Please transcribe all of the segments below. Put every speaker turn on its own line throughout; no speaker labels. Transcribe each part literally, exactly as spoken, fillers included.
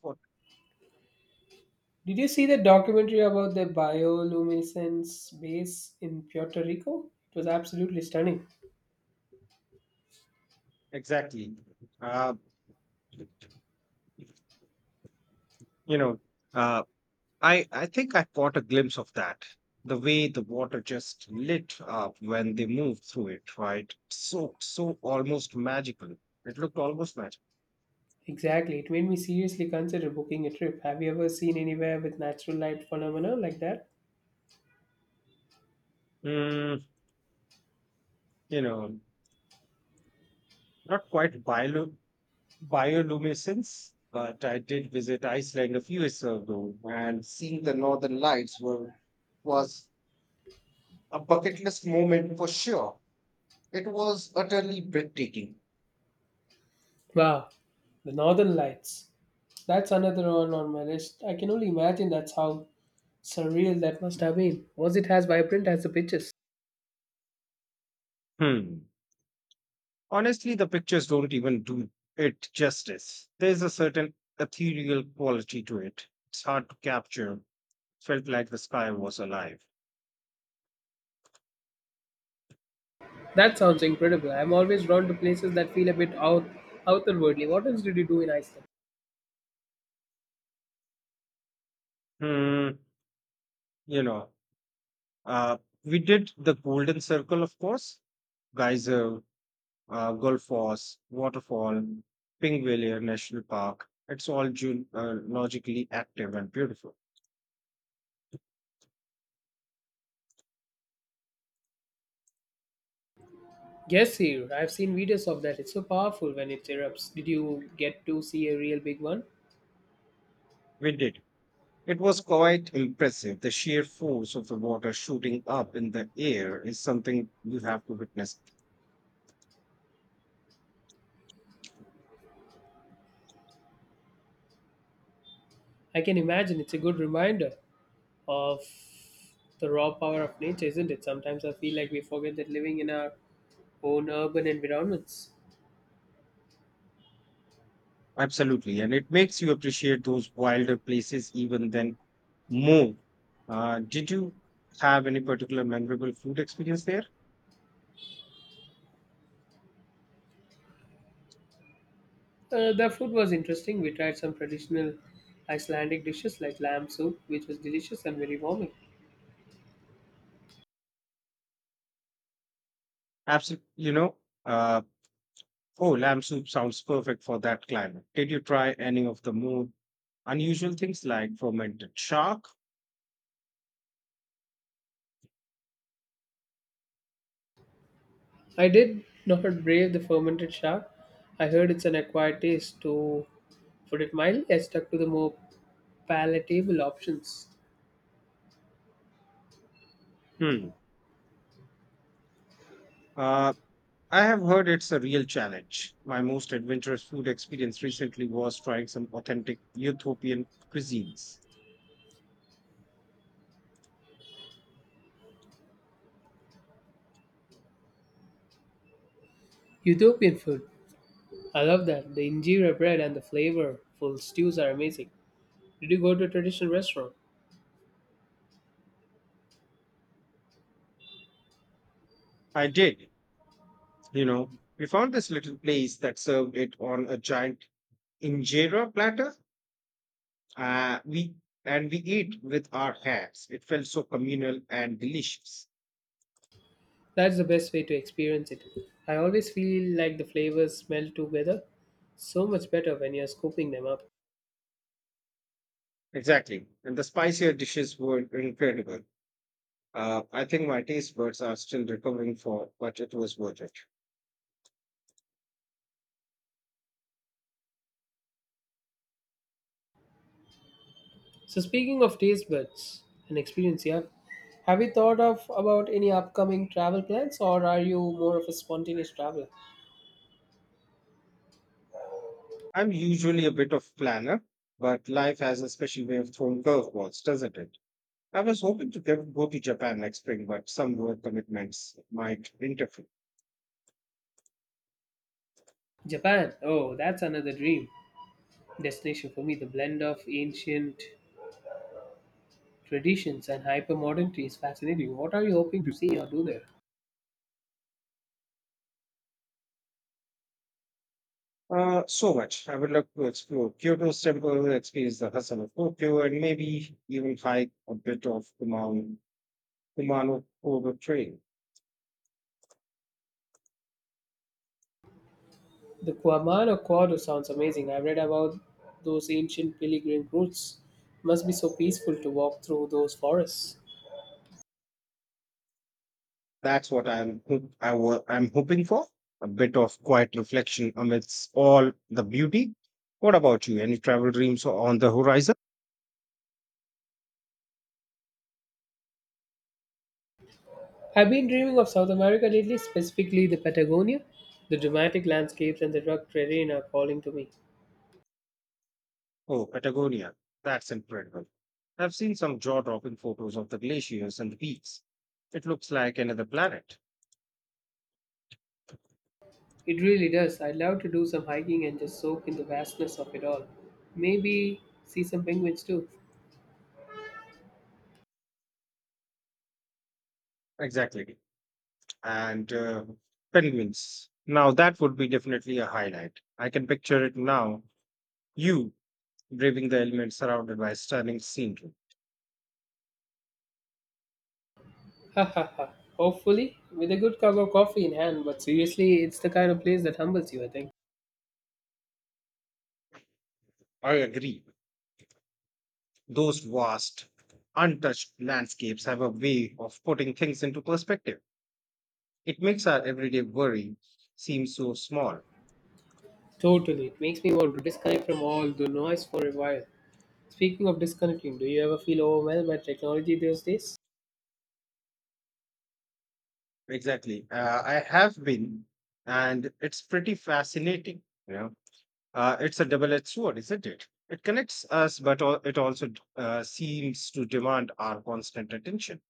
What-
Did you see the documentary about the bioluminescence base in Puerto Rico? It was absolutely stunning.
Exactly. Uh, you know, uh, I I think I caught a glimpse of that. The way the water just lit up when they moved through it, right? So so almost magical. It looked almost magical.
Exactly. It made me seriously consider booking a trip. Have you ever seen anywhere with natural light phenomena like that?
Mm, you know, Not quite biolu bioluminescence, but I did visit Iceland a few years ago, and seeing the northern lights were was a bucket list moment for sure. It was utterly breathtaking.
Wow. The Northern Lights. That's another one on my list. I can only imagine that's how surreal that must have been. Was it as vibrant as the pictures?
Hmm. Honestly, the pictures don't even do it justice. There's a certain ethereal quality to it. It's hard to capture. Felt like the sky was alive.
That sounds incredible. I'm always drawn to places that feel a bit out outerwardly. What else did you do in Iceland?
Hmm, you know, uh, we did the Golden Circle, of course. Geyser, uh, Gulf Force, Waterfall, Pingvalier National Park. It's all geologically active and beautiful.
Yes, here. I've seen videos of that. It's so powerful when it erupts. Did you get to see a real big one?
We did. It was quite impressive. The sheer force of the water shooting up in the air is something you have to witness.
I can imagine it's a good reminder of the raw power of nature, isn't it? Sometimes I feel like we forget that living in our own urban environments.
Absolutely. And it makes you appreciate those wilder places even then more. Uh, did you have any particular memorable food experience there?
Uh, the food was interesting. We tried some traditional Icelandic dishes like lamb soup, which was delicious and very warming.
Absolutely. You know, uh, oh, lamb soup sounds perfect for that climate. Did you try any of the more unusual things like fermented shark?
I did not brave the fermented shark. I heard it's an acquired taste, to put it mildly. I stuck to the more palatable options.
Hmm. Uh, I have heard it's a real challenge. My most adventurous food experience recently was trying some authentic Ethiopian cuisines.
Ethiopian food. I love that. The injera bread and the flavorful stews are amazing. Did you go to a traditional restaurant?
I did. You know, we found this little place that served it on a giant injera platter. Uh, we and we eat with our hands. It felt so communal and delicious.
That's the best way to experience it. I always feel like the flavors smell together so much better when you're scooping them up.
Exactly, and the spicier dishes were incredible. Uh, I think my taste buds are still recovering for, but it was worth it.
So speaking of taste buds and experience, yeah, have you thought of about any upcoming travel plans, or are you more of a spontaneous traveler?
I'm usually a bit of planner, but life has a special way of throwing curveballs, doesn't it? I was hoping to get, go to Japan next spring, but some work commitments might interfere.
Japan. Oh, that's another dream destination for me. The blend of ancient traditions and hyper modernity is fascinating. What are you hoping to see or do there?
Uh, so much. I would love to explore Kyoto's temple, experience the hustle of Tokyo, and maybe even hike a bit of Kumano, Kumano Kobe Trail.
The Kuamano Quarter sounds amazing. I've read about those ancient pilgrim routes. Must be so peaceful to walk through those forests.
That's what I'm ho- I wa- I'm hoping for. A bit of quiet reflection amidst all the beauty. What about you? Any travel dreams on the horizon?
I've been dreaming of South America lately, specifically the Patagonia. The dramatic landscapes and the rugged terrain are calling to me.
Oh, Patagonia. That's incredible. I've seen some jaw dropping photos of the glaciers and the peaks. It looks like another planet.
It really does. I'd love to do some hiking and just soak in the vastness of it all. Maybe see some penguins too.
Exactly. And uh, Penguins. Now, that would be definitely a highlight. I can picture it now. You braving the elements surrounded by stunning scenery.
Ha ha ha. Hopefully, with a good cup of coffee in hand, but seriously, it's the kind of place that humbles you, I think.
I agree. Those vast, untouched landscapes have a way of putting things into perspective. It makes our everyday worry seem so small.
Totally. It makes me want to disconnect from all the noise for a while. Speaking of disconnecting, do you ever feel overwhelmed by technology these days?
Exactly. Uh, I have been, and it's pretty fascinating. You know, uh, it's a double-edged sword, isn't it? It connects us, but al- it also d- uh, seems to demand our constant attention.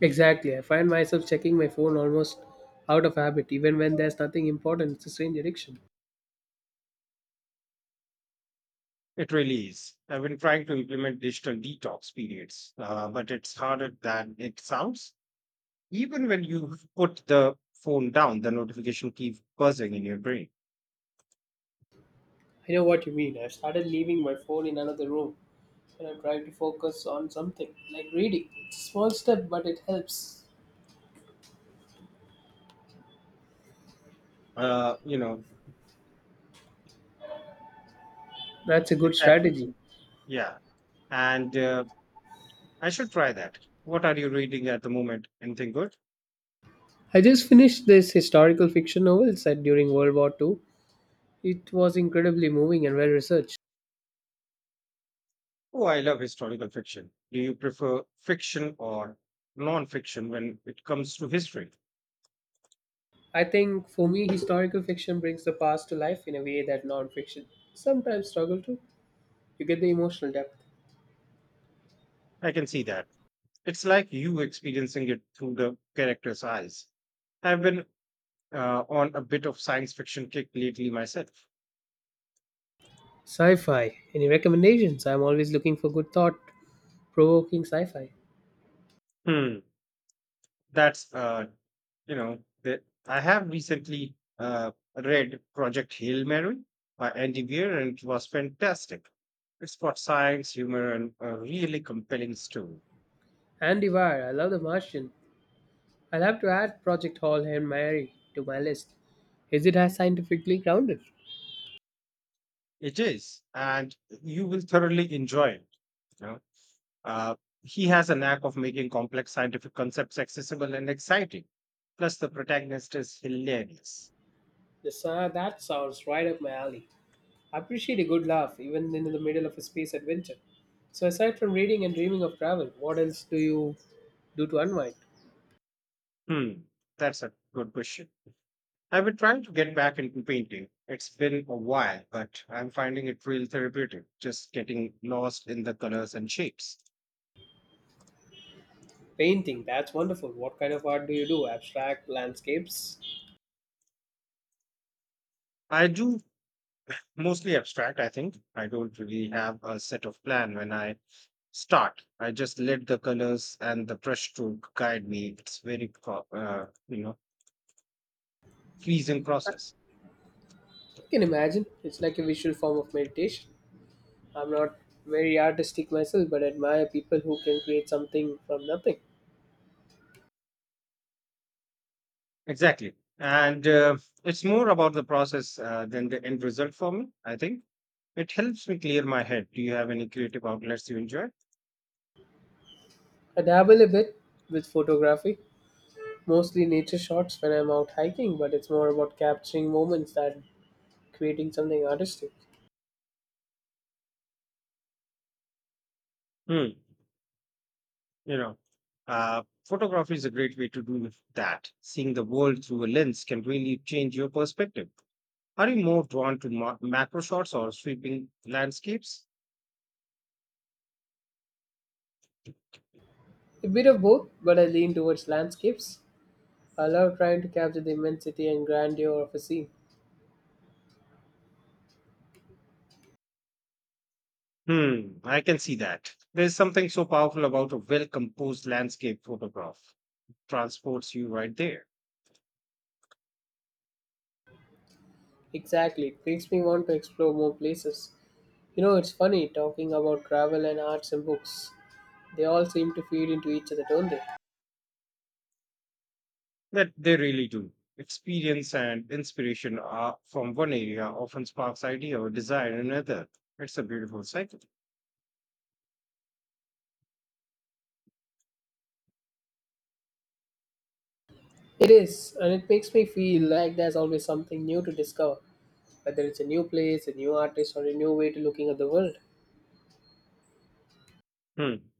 Exactly. I find myself checking my phone almost out of habit, even when there's nothing important. It's a strange addiction.
It really is. I've been trying to implement digital detox periods, uh, but it's harder than it sounds. Even when you put the phone down, the notification keeps buzzing in your brain.
I know what you mean. I've started leaving my phone in another room when I'm trying to focus on something, like reading. It's a small step, but it helps.
Uh, you know,
That's a good
exactly.
strategy.
Yeah. And uh, I should try that. What are you reading at the moment? Anything good?
I just finished this historical fiction novel set during World War two. It was incredibly moving and well researched.
Oh, I love historical fiction. Do you prefer fiction or non fiction when it comes to history?
I think for me, historical fiction brings the past to life in a way that non fiction sometimes struggle to. You get the emotional depth.
I can see that. It's like you experiencing it through the character's eyes. I've been uh, on a bit of science fiction kick lately myself.
Sci-fi. Any recommendations? I'm always looking for good thought-provoking sci-fi.
Hmm. That's a You know, that I have recently uh, read Project Hail Mary by Andy Weir, and it was fantastic. It's got science, humor, and a really compelling story.
Andy Weir, I love The Martian. I'll have to add Project Hall and Mary to my list. Is it as scientifically grounded?
It is, and you will thoroughly enjoy it. You know, uh, he has a knack of making complex scientific concepts accessible and exciting. Plus, the protagonist is hilarious.
The sa- that sounds right up my alley. I appreciate a good laugh, even in the middle of a space adventure. So aside from reading and dreaming of travel, what else do you do to unwind?
Hmm, that's a good question. I've been trying to get back into painting. It's been a while, but I'm finding it real therapeutic, just getting lost in the colors and shapes.
Painting, that's wonderful. What kind of art do you do? Abstract landscapes?
I do mostly abstract, I think. I don't really have a set of plan when I start. I just let the colors and the brush stroke guide me. It's very, pro- uh, you know, pleasing process.
I can imagine. It's like a visual form of meditation. I'm not very artistic myself, but admire people who can create something from nothing.
Exactly. And uh, It's more about the process uh, than the end result for me, I think. It helps me clear my head. Do you have any creative outlets you enjoy?
I dabble a bit with photography, mostly nature shots when I'm out hiking, but it's more about capturing moments than creating something artistic.
Hmm. You know, uh, Photography is a great way to do that. Seeing the world through a lens can really change your perspective. Are you more drawn to ma- macro shots or sweeping landscapes?
A bit of both, but I lean towards landscapes. I love trying to capture the immensity and grandeur of a scene.
Hmm, I can see that. There's something so powerful about a well composed landscape photograph. Transports you right there.
Exactly, it makes me want to explore more places. You know, it's funny talking about travel and arts and books. They all seem to feed into each other, don't they?
That they really do. Experience and inspiration are from one area often sparks idea or desire in another. It's a beautiful cycle.
It is, and it makes me feel like there's always something new to discover, whether it's a new place, a new artist, or a new way to looking at the world.
Hmm.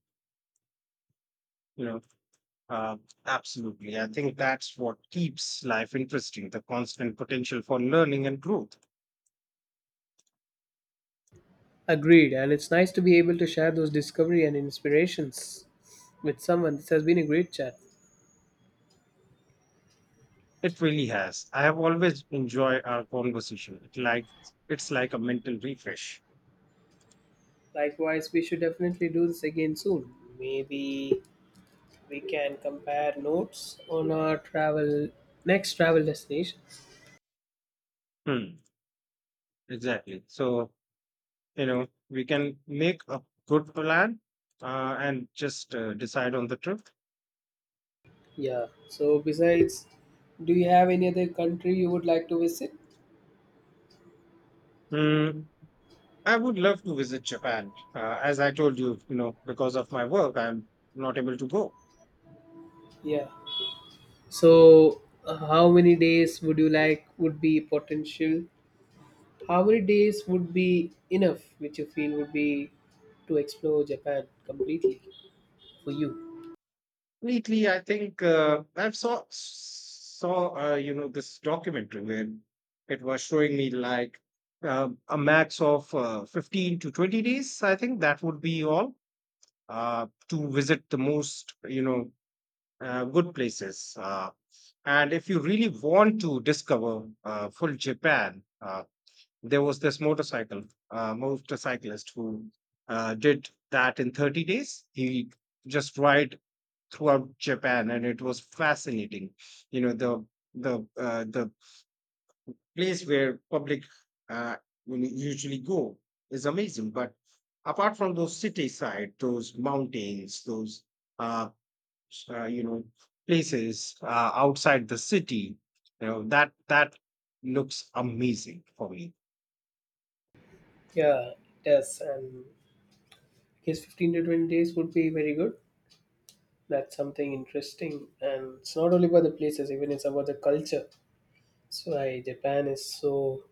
You know, uh, Absolutely. I think that's what keeps life interesting, the constant potential for learning and growth.
Agreed, and it's nice to be able to share those discovery and inspirations with someone. This has been a great chat.
It really has. I have always enjoyed our conversation. It like it's like a mental refresh.
Likewise, we should definitely do this again soon. Maybe we can compare notes on our travel next travel destination.
Hmm. Exactly. So, you know, we can make a good plan uh, and just uh, decide on the trip.
Yeah. So besides, do you have any other country you would like to visit?
Hmm. I would love to visit Japan. Uh, as I told you, you know, because of my work, I'm not able to go.
Yeah. So, uh, how many days would you like would be potential? How many days would be enough, which you feel would be to explore Japan completely for you?
Lately, I think uh, I've saw saw uh, you know, this documentary where it was showing me like uh, a max of uh, fifteen to twenty days. I think that would be all uh, to visit the most, you know, uh, good places. Uh, and if you really want to discover uh, full Japan, uh, there was this motorcycle uh, motorcyclist who uh, did that in thirty days. He just ride throughout japan, and it was fascinating, you know. The the uh, the place where public uh, will usually go is amazing, but apart from those city side, those mountains, those uh, uh, you know places uh, outside the city, you know, that that looks amazing for me.
Yeah, it does. And I guess fifteen to twenty days would be very good. That's something interesting. And it's not only about the places, even it's about the culture. That's why Japan is so,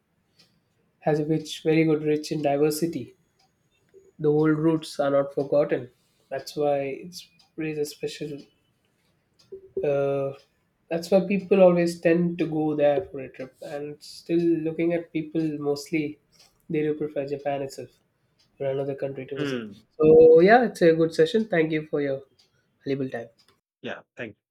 has a rich, very good, rich in diversity. The old roots are not forgotten. That's why it's really special. Uh, that's why people always tend to go there for a trip. And still looking at people, mostly they do prefer Japan itself or another country to visit.
Hmm.
So yeah, it's a good session. Thank you for your valuable time.
Yeah, thank you.